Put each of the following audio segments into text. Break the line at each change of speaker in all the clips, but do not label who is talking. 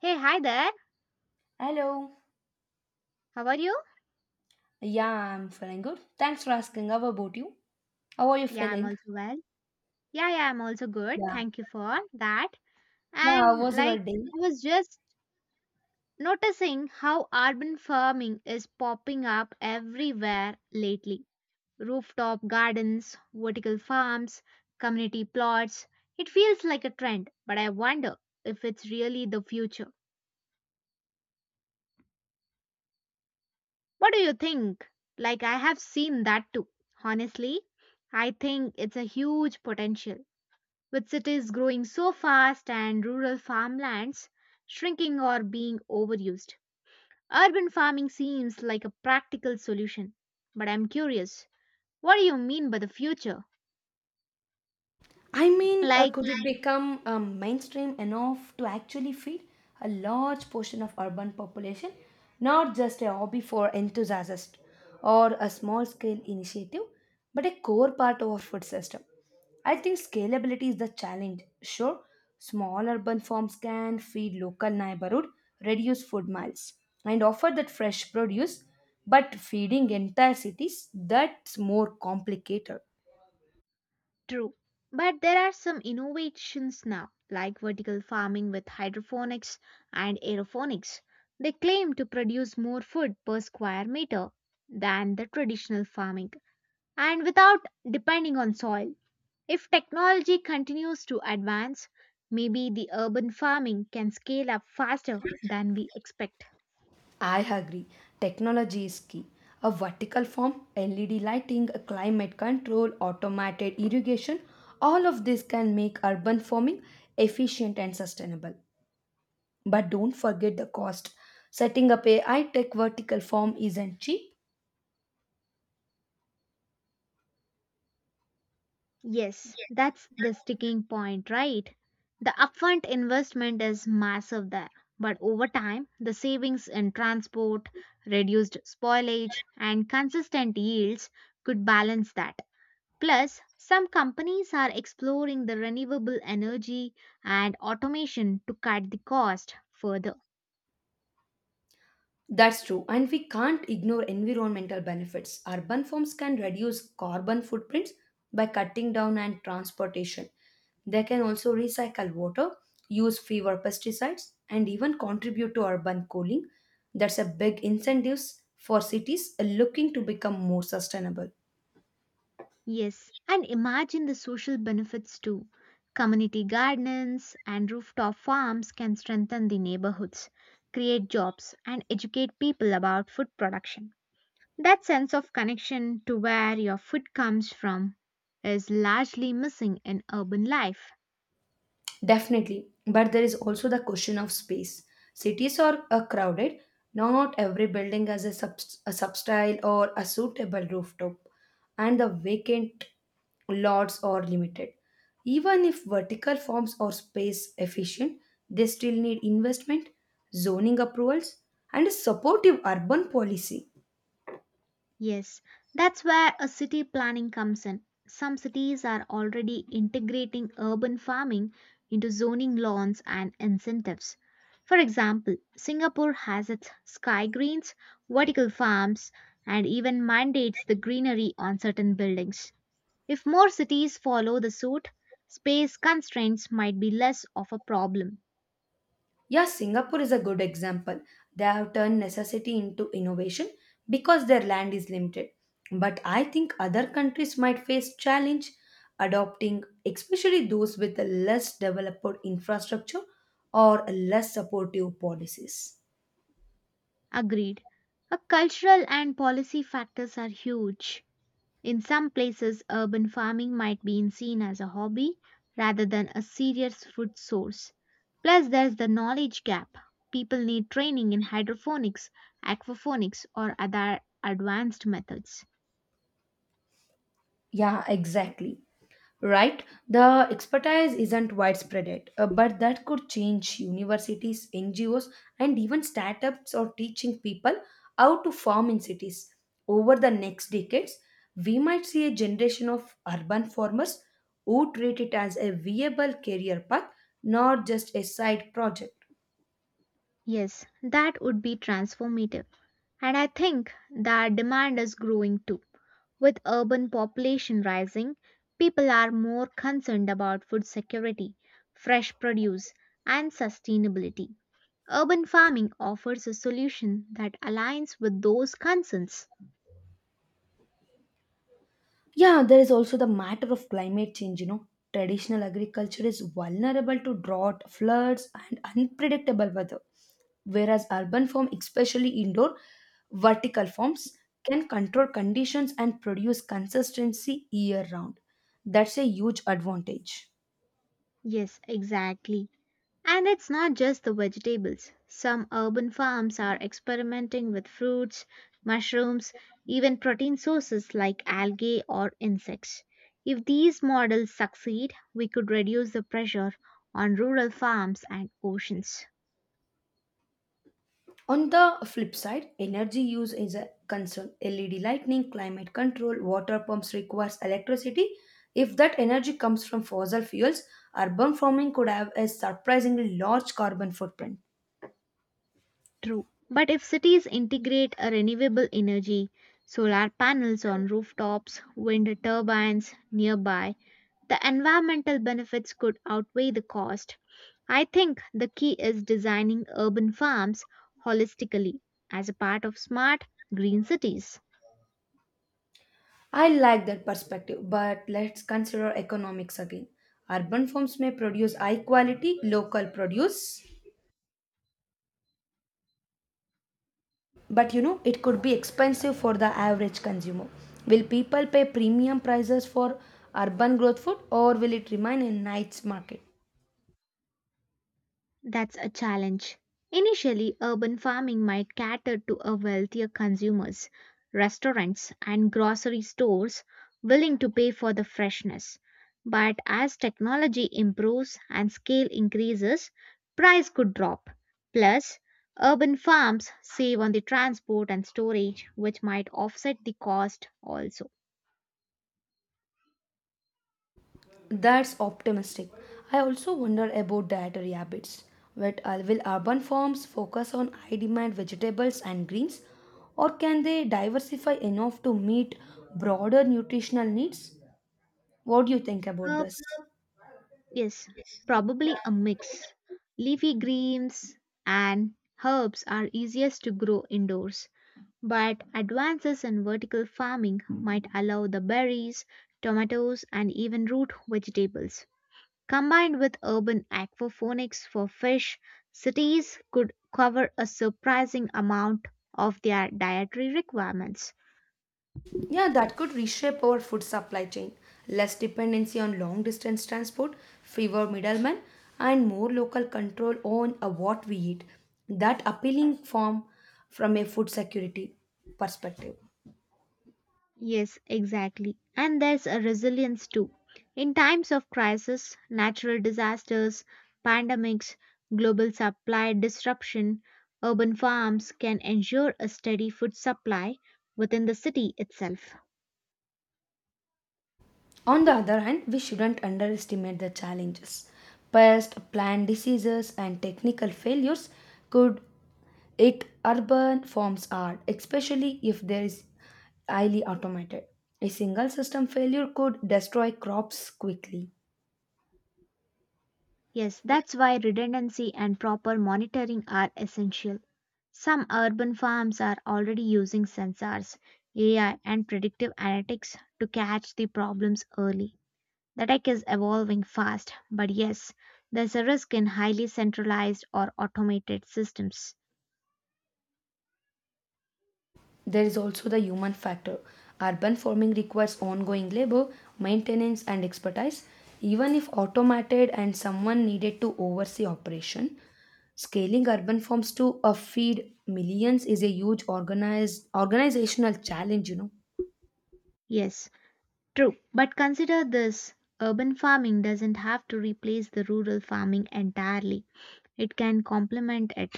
Hey, hi there.
Hello.
How are you?
Yeah, I'm feeling good. Thanks for asking. How about you? How are you
Yeah, I'm
feeling?
also well. Yeah, yeah, I'm also good.
Yeah.
Thank you for that.
Yeah, how
And
was your
like,
day?
I was just noticing how urban farming is popping up everywhere lately. Rooftop gardens, vertical farms, community plots. It feels like a trend, but I wonder if it's really the future. What do you think? Like, I have seen that too. Honestly, I think it's a huge potential with cities growing so fast and rural farmlands shrinking or being overused. Urban farming seems like a practical solution. But I'm curious, what do you mean by the future? Like,
Could it become mainstream enough to actually feed a large portion of urban population, not just a hobby for enthusiasts or a small-scale initiative, but a core part of our food system? I think scalability is the challenge. Sure, small urban farms can feed local neighborhood, reduce food miles, and offer that fresh produce, but feeding entire cities, that's more complicated.
true. But there are some innovations now, like vertical farming with hydroponics and aeroponics. They claim to produce more food per square meter than the traditional farming and without depending on soil. If technology continues to advance, maybe the urban farming can scale up faster than we expect.
I agree. Technology is key. A vertical form, LED lighting, a climate control, automated irrigation, all of this can make urban farming efficient and sustainable. But don't forget the cost. Setting up a high tech vertical farm isn't cheap.
Yes, that's the sticking point, right? The upfront investment is massive there, but over time, the savings in transport, reduced spoilage, and consistent yields could balance that. Plus, some companies are exploring the renewable energy and automation to cut the cost further.
That's true, and we can't ignore environmental benefits. Urban farms can reduce carbon footprints by cutting down on transportation. They can also recycle water, use fewer pesticides, and even contribute to urban cooling. That's a big incentive for cities looking to become more sustainable.
Yes, and imagine the social benefits too. Community gardens and rooftop farms can strengthen the neighborhoods, create jobs, and educate people about food production. That sense of connection to where your food comes from is largely missing in urban life.
Definitely. But there is also the question of space. Cities are crowded. No, not every building has a substyle or a suitable rooftop, and the vacant lots are limited. Even if vertical forms are space efficient, they still need investment, zoning approvals, and a supportive urban policy.
Yes, that's where a city planning comes in. Some cities are already integrating urban farming into zoning laws and incentives. For example, Singapore has its sky greens, vertical farms, and even mandates the greenery on certain buildings. If more cities follow the suit, space constraints might be less of a problem.
Yeah, Singapore is a good example. They have turned necessity into innovation because their land is limited. But I think other countries might face challenge adopting, especially those with a less developed infrastructure or less supportive policies.
Agreed. A cultural and policy factors are huge. In some places, urban farming might be seen as a hobby rather than a serious food source. Plus, there's the knowledge gap. People need training in hydroponics, aquaponics, or other advanced methods.
Yeah, exactly. Right, the expertise isn't widespread yet, but that could change universities, NGOs, and even startups are teaching people how to farm in cities. Over the next decades, we might see a generation of urban farmers who treat it as a viable career path, not just a side project.
Yes, that would be transformative. And I think that demand is growing too. With urban population rising, people are more concerned about food security, fresh produce, and sustainability. Urban farming offers a solution that aligns with those concerns.
Yeah, there is also the matter of climate change. You know, traditional agriculture is vulnerable to drought, floods, and unpredictable weather, whereas urban farm, especially indoor vertical farms, can control conditions and produce consistency year round. That's a huge advantage.
Yes, exactly. And it's not just the vegetables. Some urban farms are experimenting with fruits, mushrooms, even protein sources like algae or insects. If these models succeed, we could reduce the pressure on rural farms and oceans.
On the flip side, energy use is a concern. LED lighting, climate control, water pumps requires electricity. If that energy comes from fossil fuels, urban farming could have a surprisingly large carbon footprint.
True. But if cities integrate a renewable energy, solar panels on rooftops, wind turbines nearby, the environmental benefits could outweigh the cost. I think the key is designing urban farms holistically as a part of smart green cities.
I like that perspective, but let's consider economics again. Urban farms may produce high quality local produce, but you know it could be expensive for the average consumer. Will people pay premium prices for urban growth food or will it remain a niche market?
That's a challenge. Initially, urban farming might cater to a wealthier consumers, restaurants and grocery stores willing to pay for the freshness. But as technology improves and scale increases, price could drop. Plus, urban farms save on the transport and storage, which might offset the cost also.
That's optimistic. I also wonder about dietary habits. But will urban farms focus on high demand vegetables and greens, or can they diversify enough to meet broader nutritional needs? What do you think about
Uh,
this?
yes, probably a mix. Leafy greens and herbs are easiest to grow indoors, but advances in vertical farming might allow the berries, tomatoes, and even root vegetables. Combined with urban aquaponics for fish, cities could cover a surprising amount of their dietary requirements.
Yeah, that could reshape our food supply chain. Less dependency on long distance transport, fewer middlemen, and more local control on what we eat. That appealing form from a food security perspective.
Yes, exactly. And there's a resilience too. In times of crisis, natural disasters, pandemics, global supply disruption, urban farms can ensure a steady food supply within the city itself.
On the other hand, we shouldn't underestimate the challenges. Pest, plant diseases, and technical failures could hit urban farms hard, especially if there is highly automated. A single system failure could destroy crops quickly.
Yes, that's why redundancy and proper monitoring are essential. Some urban farms are already using sensors, AI, and predictive analytics to catch the problems early. The tech is evolving fast, but yes, there's a risk in highly centralized or automated systems.
There is also the human factor. Urban farming requires ongoing labor, maintenance, and expertise. Even if automated and someone needed to oversee operation, scaling urban farms to feed millions is a huge organized organizational challenge. You know.
Yes, true. But consider this urban farming doesn't have to replace the rural farming entirely, it can complement it.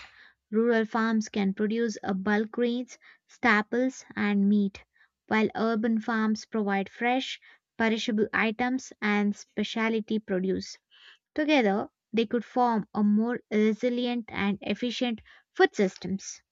Rural farms can produce a bulk grains, staples, and meat, while urban farms provide fresh, perishable items and specialty produce. Together, they could form a more resilient and efficient food systems.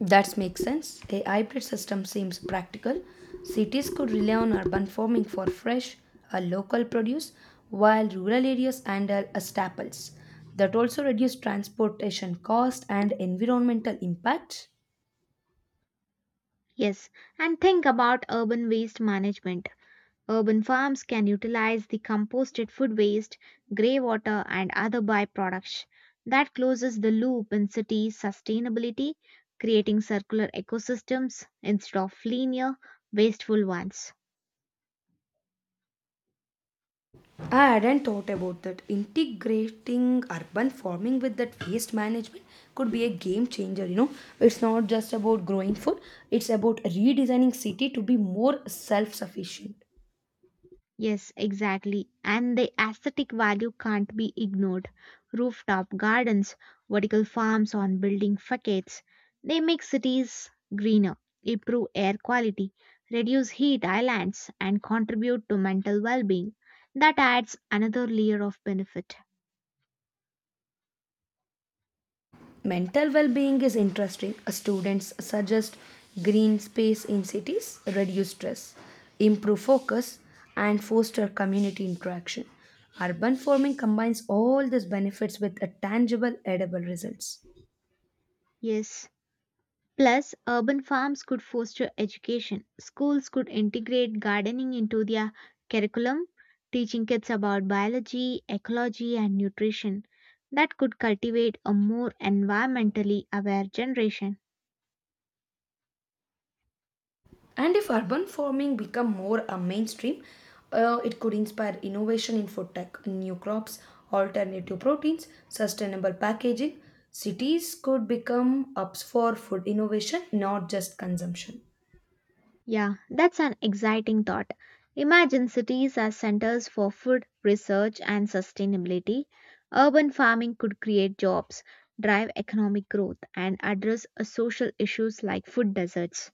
That makes sense. A hybrid system seems practical. Cities could rely on urban farming for fresh, local produce, while rural areas handle staples. That also reduces transportation cost and environmental impact.
Yes, and think about urban waste management. Urban farms can utilize the composted food waste, grey water, and other byproducts. That closes the loop in city sustainability, creating circular ecosystems instead of linear, wasteful ones.
I hadn't thought about that. Integrating urban farming with that waste management could be a game changer. You know, it's not just about growing food; it's about redesigning city to be more self-sufficient.
Yes, exactly. And the aesthetic value can't be ignored. Rooftop gardens, vertical farms on building facades, they make cities greener, improve air quality, reduce heat islands, and contribute to mental well being. That adds another layer of benefit.
Mental well-being is interesting. Students suggest green space in cities reduce stress, improve focus, and foster community interaction. Urban farming combines all these benefits with a tangible edible results.
Yes, plus, urban farms could foster education. Schools could integrate gardening into their curriculum, teaching kids about biology, ecology, and nutrition. That could cultivate a more environmentally aware generation.
And if urban farming become more a mainstream, it could inspire innovation in food tech, new crops, alternative proteins, sustainable packaging. Cities could become hubs for food innovation, not just consumption.
Yeah, that's an exciting thought. Imagine cities as centers for food, research, and sustainability. Urban farming could create jobs, drive economic growth, and address social issues like food deserts.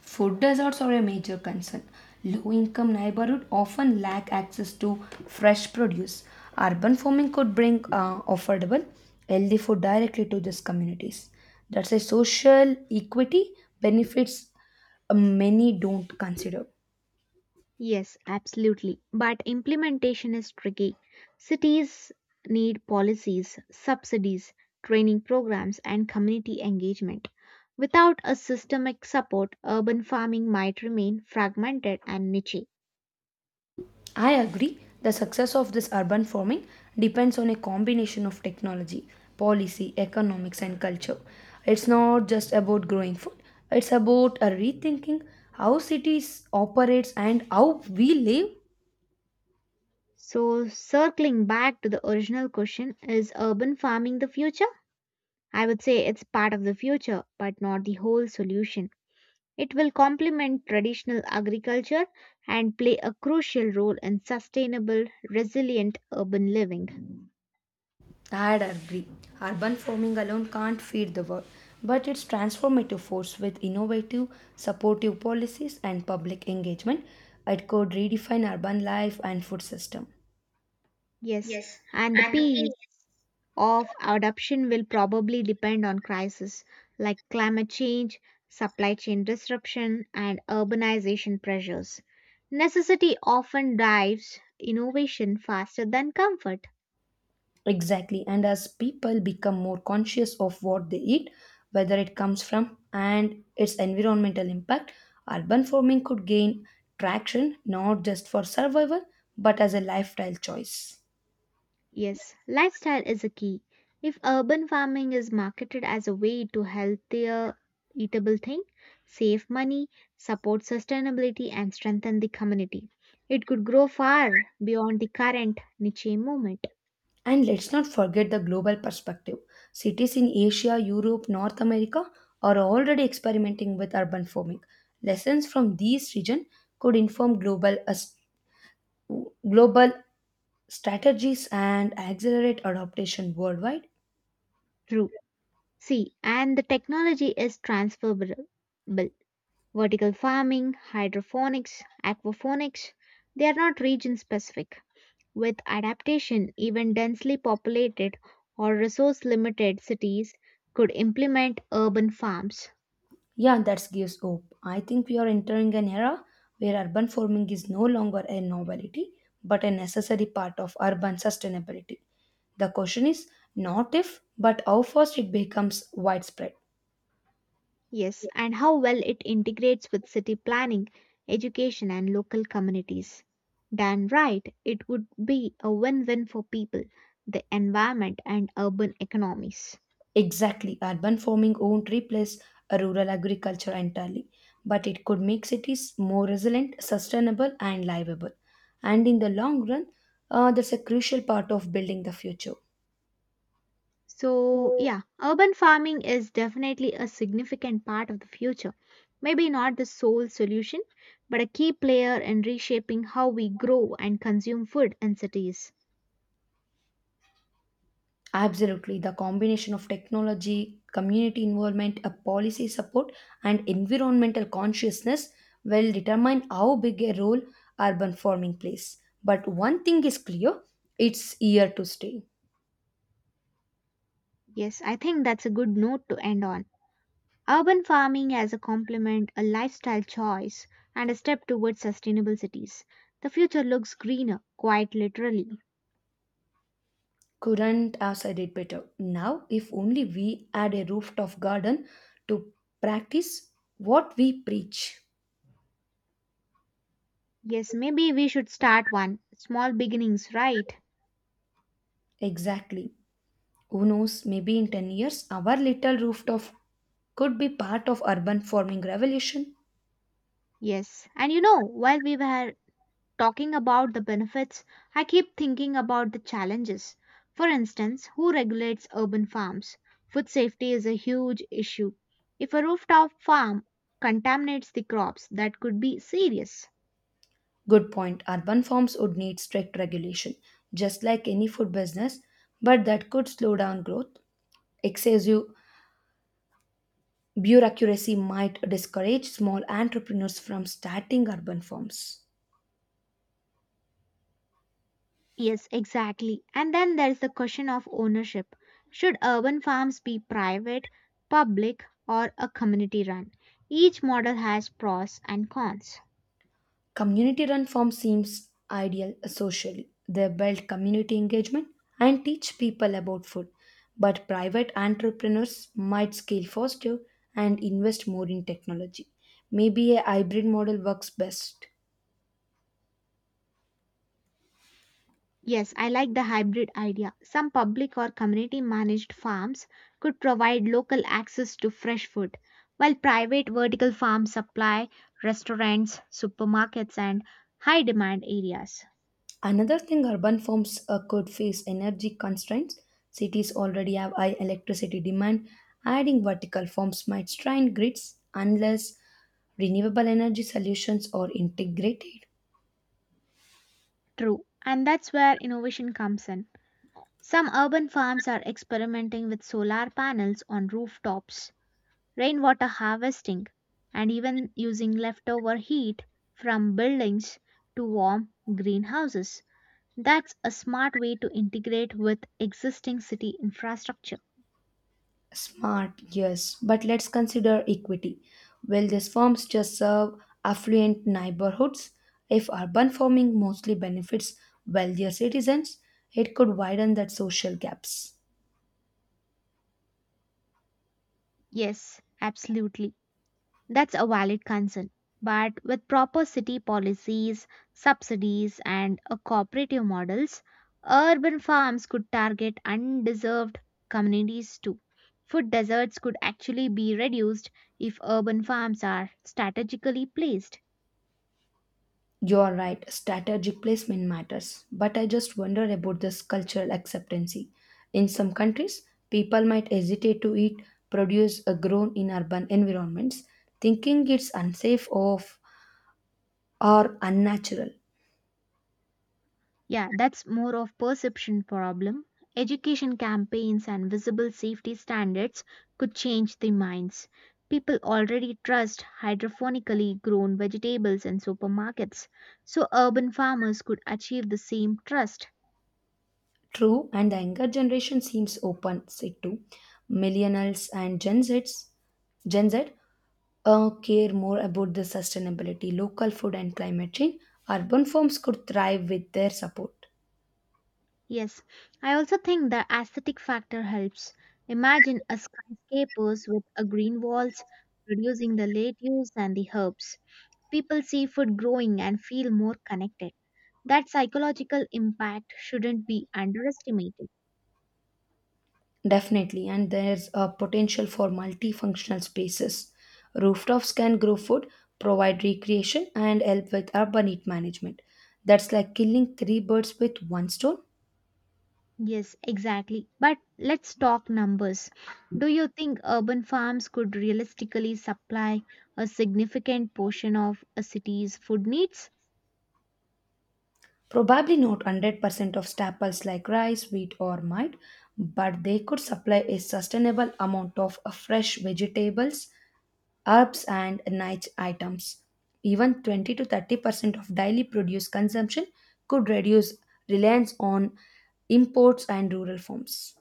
Food deserts are a major concern. Low income neighborhoods often lack access to fresh produce. Urban farming could bring affordable, healthy food directly to these communities. That's a social equity benefits many don't consider.
Yes, absolutely. But implementation is tricky. Cities need policies, subsidies, training programs, and community engagement. Without a systemic support, urban farming might remain fragmented and niche.
I agree. The success of this urban farming depends on a combination of technology, policy, economics, and culture. It's not just about growing food, it's about a rethinking how cities operates and how we live.
So, circling back to the original question is urban farming the future? I would say it's part of the future, but not the whole solution. It will complement traditional agriculture and play a crucial role in sustainable, resilient urban living.
I agree. Urban farming alone can't feed the world, but it's transformative force with innovative, supportive policies and public engagement. It could redefine urban life and food system.
Yes, and the peace of adoption will probably depend on crises like climate change, supply chain disruption, and urbanization pressures. Necessity often drives innovation faster than comfort.
Exactly. And as people become more conscious of what they eat, whether it comes from and its environmental impact, urban farming could gain traction not just for survival but as a lifestyle choice.
Yes, lifestyle is a key. If urban farming is marketed as a way to healthier eatable thing, save money, support sustainability and strengthen the community, it could grow far beyond the current niche movement.
And let's not forget the global perspective. Cities in Asia, Europe, North America are already experimenting with urban farming. Lessons from these regions could inform global strategies and accelerate adaptation worldwide.
True. See, and the technology is transferable. Vertical farming, hydroponics, aquaponics, they are not region specific. With adaptation, even densely populated or resource limited cities could implement urban farms.
Yeah, that gives hope. I think we are entering an era where urban farming is no longer a novelty but a necessary part of urban sustainability. The question is not if, but how fast it becomes widespread.
Yes, and how well it integrates with city planning, education, and local communities. Done right, it would be a win win for people, the environment, and urban economies.
Exactly, urban farming won't replace rural agriculture entirely, but it could make cities more resilient, sustainable, and livable. And in the long run, that's a crucial part of building the future.
So, yeah, urban farming is definitely a significant part of the future. Maybe not the sole solution, but a key player in reshaping how we grow and consume food in cities.
Absolutely, the combination of technology, community involvement, a policy support, and environmental consciousness will determine how big a role urban farming plays. But one thing is clear, it's here to stay.
Yes, I think that's a good note to end on. Urban farming as a complement, a lifestyle choice, and a step towards sustainable cities. The future looks greener, quite literally.
Couldn't have said it better. Now, if only we had a rooftop garden to practice what we preach.
Yes, maybe we should start one. Small beginnings, right?
Exactly. Who knows, maybe in 10 years, our little rooftop could be part of urban farming revolution.
Yes. While we were talking about the benefits, I keep thinking about the challenges. For instance, who regulates urban farms? Food safety is a huge issue. If a rooftop farm contaminates the crops, that could be serious.
Good point. Urban farms would need strict regulation, just like any food business, but that could slow down growth. Excessive bureaucracy might discourage small entrepreneurs from starting urban farms.
Yes, exactly. And then there's the question of ownership. Should urban farms be private, public, or a community run? Each model has pros and cons.
Community run farms seems ideal socially. They build community engagement and teach people about food. But private entrepreneurs might scale faster and invest more in technology. Maybe a hybrid model works best.
Yes, I like the hybrid idea. Some public or community managed farms could provide local access to fresh food, while private vertical farms supply restaurants, supermarkets, and high demand areas.
Another thing, urban firms could face energy constraints. Cities already have high electricity demand. Adding vertical farms might strain grids unless renewable energy solutions are integrated.
True, and that's where innovation comes in. Some urban farms are experimenting with solar panels on rooftops, rainwater harvesting, and even using leftover heat from buildings to warm greenhouses. That's a smart way to integrate with existing city infrastructure.
Smart, yes, but let's consider equity. Will these farms just serve affluent neighborhoods? If urban farming mostly benefits wealthier citizens, it could widen that social gaps.
Yes, absolutely. That's a valid concern. But with proper city policies, subsidies, and a cooperative models, urban farms could target undeserved communities too. Food deserts could actually be reduced if urban farms are strategically placed.
You are right, strategic placement matters, but I just wonder about this cultural acceptancy. In some countries, people might hesitate to eat produce grown in urban environments, thinking it's unsafe of, or unnatural.
Yeah, that's more of perception problem. Education campaigns and visible safety standards could change the minds. People already trust hydroponically grown vegetables in supermarkets, so urban farmers could achieve the same trust.
True, and the younger generation seems open it to millennials and Gen Z care more about the sustainability, local food, and climate change. Urban farms could thrive with their support.
Yes, I also think the aesthetic factor helps. Imagine a skyscrapers with a green walls producing the lettuce and the herbs. People see food growing and feel more connected. That psychological impact shouldn't be underestimated.
Definitely, and there's a potential for multifunctional spaces. Rooftops can grow food, provide recreation, and help with urban heat management. That's like killing three birds with one stone.
Yes, exactly. But let's talk numbers. Do you think urban farms could realistically supply a significant portion of a city's food needs?
Probably not 100% of staples like rice, wheat, or mite, but they could supply a sustainable amount of fresh vegetables, herbs, and niche items. Even 20 to 30% of daily produce consumption could reduce reliance on imports and rural farms.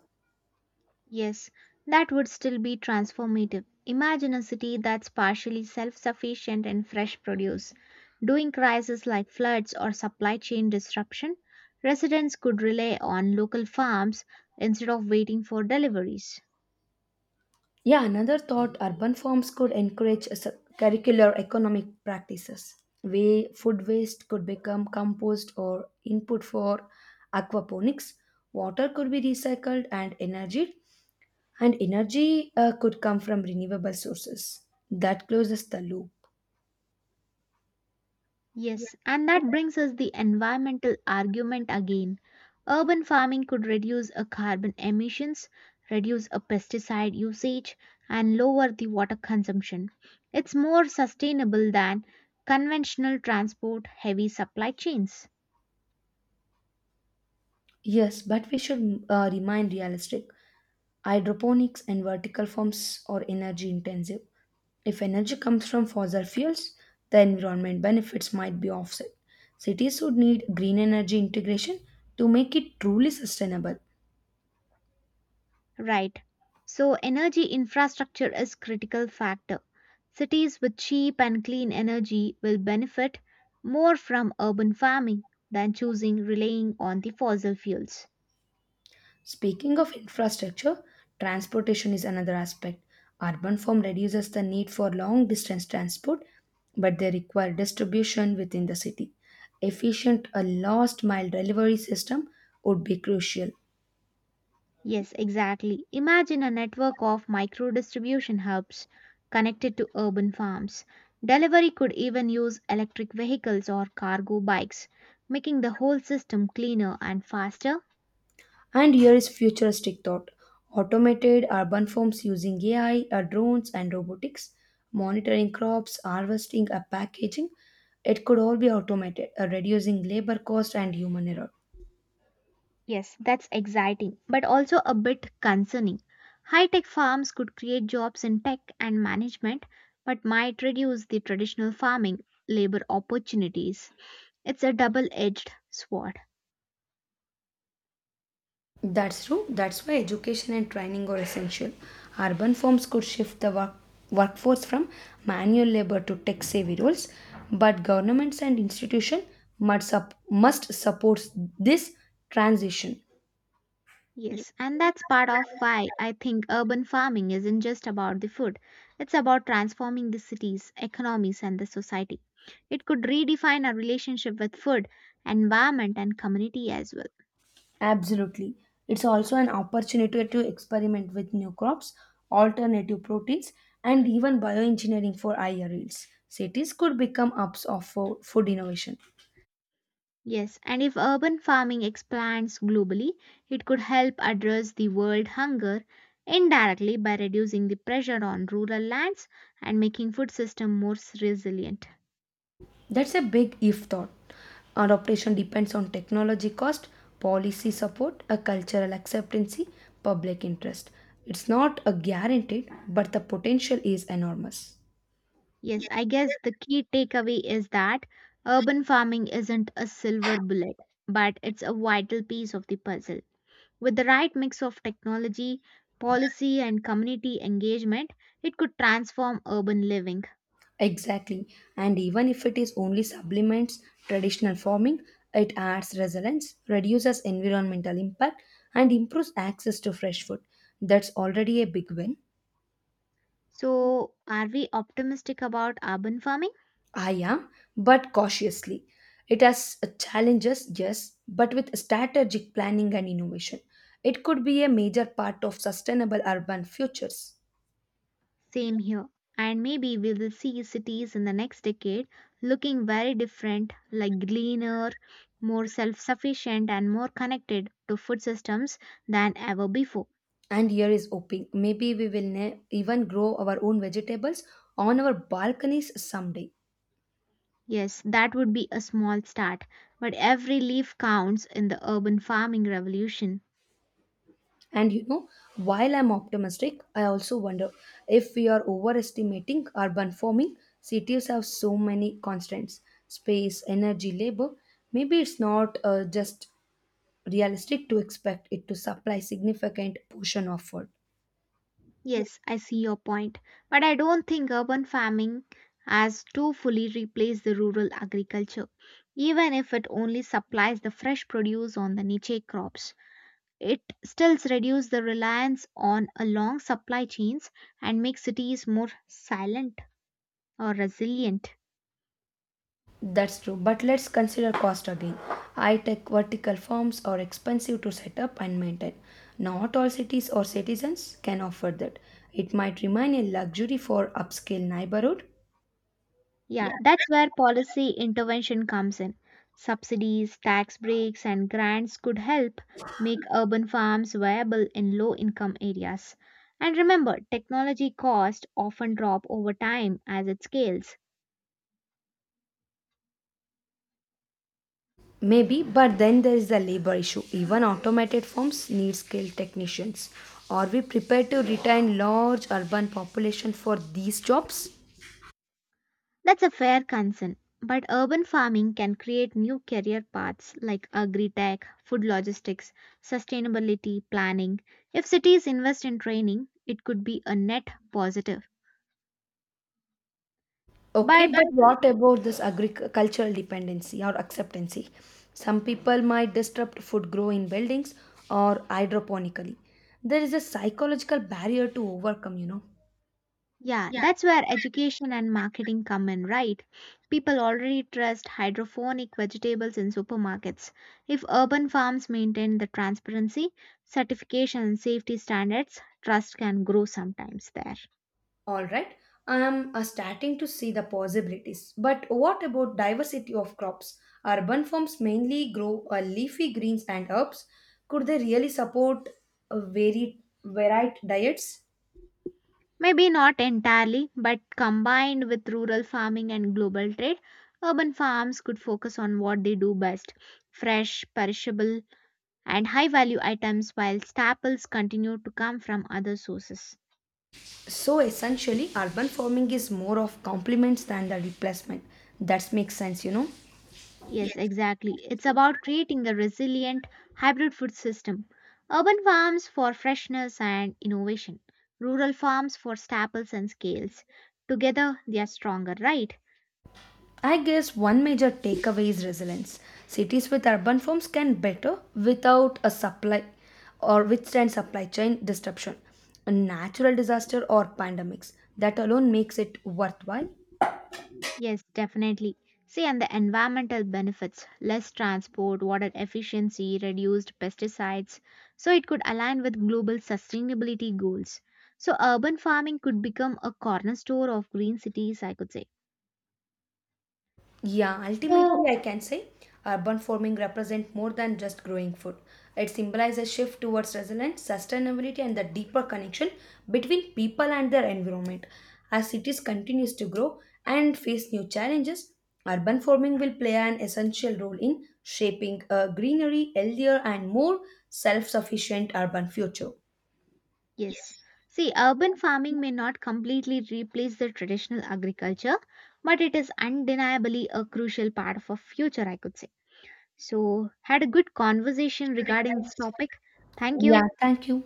Yes, that would still be transformative. Imagine a city that's partially self sufficient in fresh produce. During crises like floods or supply chain disruption, residents could rely on local farms instead of waiting for deliveries.
Yeah, another thought, urban farms could encourage curricular economic practices. Way food waste could become compost or input for aquaponics. Water could be recycled, and energy could come from renewable sources. That closes the loop.
Yes, and that brings us the environmental argument again. Urban farming could reduce a carbon emissions, reduce a pesticide usage, and lower the water consumption. It's more sustainable than conventional transport heavy supply chains.
Yes, but we should remain realistic. Hydroponics and vertical farms are energy intensive. If energy comes from fossil fuels, the environment benefits might be offset. Cities would need green energy integration to make it truly sustainable.
Right. So energy infrastructure is critical factor. Cities with cheap and clean energy will benefit more from urban farming than choosing relying on the fossil fuels.
Speaking of infrastructure, transportation is another aspect. Urban form reduces the need for long distance transport, but they require distribution within the city. Efficient a last mile delivery system would be crucial.
Yes, exactly. Imagine a network of micro distribution hubs connected to urban farms. Delivery could even use electric vehicles or cargo bikes, making the whole system cleaner and faster.
And here is futuristic thought. Automated urban forms using AI, drones, and robotics, monitoring crops, harvesting, packaging, it could all be automated, reducing labor cost and human error.
Yes, that's exciting, but also a bit concerning. High tech farms could create jobs in tech and management, but might reduce the traditional farming labor opportunities. It's a double edged sword.
That's true. That's why education and training are essential. Urban firms could shift workforce from manual labor to tech savvy roles, but governments and institutions must support this transition.
Yes, and that's part of why I think urban farming isn't just about the food. It's about transforming the cities, economies, and the society. It could redefine our relationship with food, environment, and community as well.
Absolutely. It's also an opportunity to experiment with new crops, alternative proteins, and even bioengineering for higher yields. Cities could become hubs of food innovation.
Yes, and if urban farming expands globally, it could help address the world hunger indirectly by reducing the pressure on rural lands and making food system more resilient.
That's a big if thought. Adoption depends on technology cost, policy support, a cultural acceptancy, public interest. It's not a guaranteed, but the potential is enormous.
Yes, I guess the key takeaway is that urban farming isn't a silver bullet, but it's a vital piece of the puzzle. With the right mix of technology, policy, and community engagement, it could transform urban living.
Exactly. And even if it is only supplements traditional farming, it adds resilience, reduces environmental impact, and improves access to fresh food. That's already a big win.
So, are we optimistic about urban farming?
I am, but cautiously. It has challenges, yes, but with strategic planning and innovation, it could be a major part of sustainable urban futures.
Same here. And maybe we will see cities in the next decade looking very different, like greener, more self sufficient, and more connected to food systems than ever before.
And here is hoping maybe we will even grow our own vegetables on our balconies someday.
Yes, that would be a small start, but every leaf counts in the urban farming revolution.
And you know, while I'm optimistic, I also wonder if we are overestimating urban farming. Cities have so many constraints, space, energy, labor. Maybe it's not just realistic to expect it to supply significant portion of food.
Yes, I see your point, but I don't think urban farming has to fully replace the rural agriculture, even if it only supplies the fresh produce on the niche crops. It still reduces the reliance on a long supply chains and makes cities more silent or resilient.
That's true, but let's consider cost again. High-tech vertical farms are expensive to set up and maintain. Not all cities or citizens can afford that. It might remain a luxury for upscale neighborhood.
Yeah, that's where policy intervention comes in. Subsidies, tax breaks, and grants could help make urban farms viable in low income areas. And remember, technology costs often drop over time as it scales.
Maybe, but then there is the labor issue. Even automated farms need skilled technicians. Are we prepared to retain large urban population for these jobs?
That's a fair concern. But urban farming can create new career paths like agri tech, food logistics, sustainability planning. If cities invest in training, it could be a net positive.
Okay,
But
but what about this agricultural dependency or acceptancy? Some people might disrupt food grow in buildings or hydroponically. There is a psychological barrier to overcome, you know.
yeah, that's where education and marketing come in, right? People already trust hydroponic vegetables in supermarkets. If urban farms maintain the transparency, certification, and safety standards, trust can grow sometimes there.
All right, I am starting to see the possibilities. But what about diversity of crops? Urban farms mainly grow leafy greens and herbs. Could they really support a varied diets?
Maybe not entirely, but combined with rural farming and global trade, urban farms could focus on what they do best fresh, perishable, and high value items, while staples continue to come from other sources.
So essentially, urban farming is more of complements than the replacement. That makes sense, you know.
Yes, exactly. It's about creating the resilient hybrid food system. Urban farms for freshness and innovation, rural farms for staples and scales. Together, they are stronger, right?
I guess one major takeaway is resilience. Cities with urban farms can better without a supply or withstand supply chain disruption, a natural disaster or pandemics. That alone makes it worthwhile.
Yes, definitely. See, and the environmental benefits less transport, water efficiency, reduced pesticides. So, it could align with global sustainability goals. So, urban farming could become a cornerstone of green cities, I could say.
Yeah, ultimately,
So,
so I can say urban farming represents more than just growing food. It symbolizes a shift towards resilience, sustainability, and the deeper connection between people and their environment. As cities continues to grow and face new challenges, urban farming will play an essential role in shaping a greenery, healthier, and more self-sufficient urban future.
yes. See, urban farming may not completely replace the traditional agriculture, but it is undeniably a crucial part of our future, I could say. So, had a good conversation regarding this topic. Thank you.
Yeah, thank you.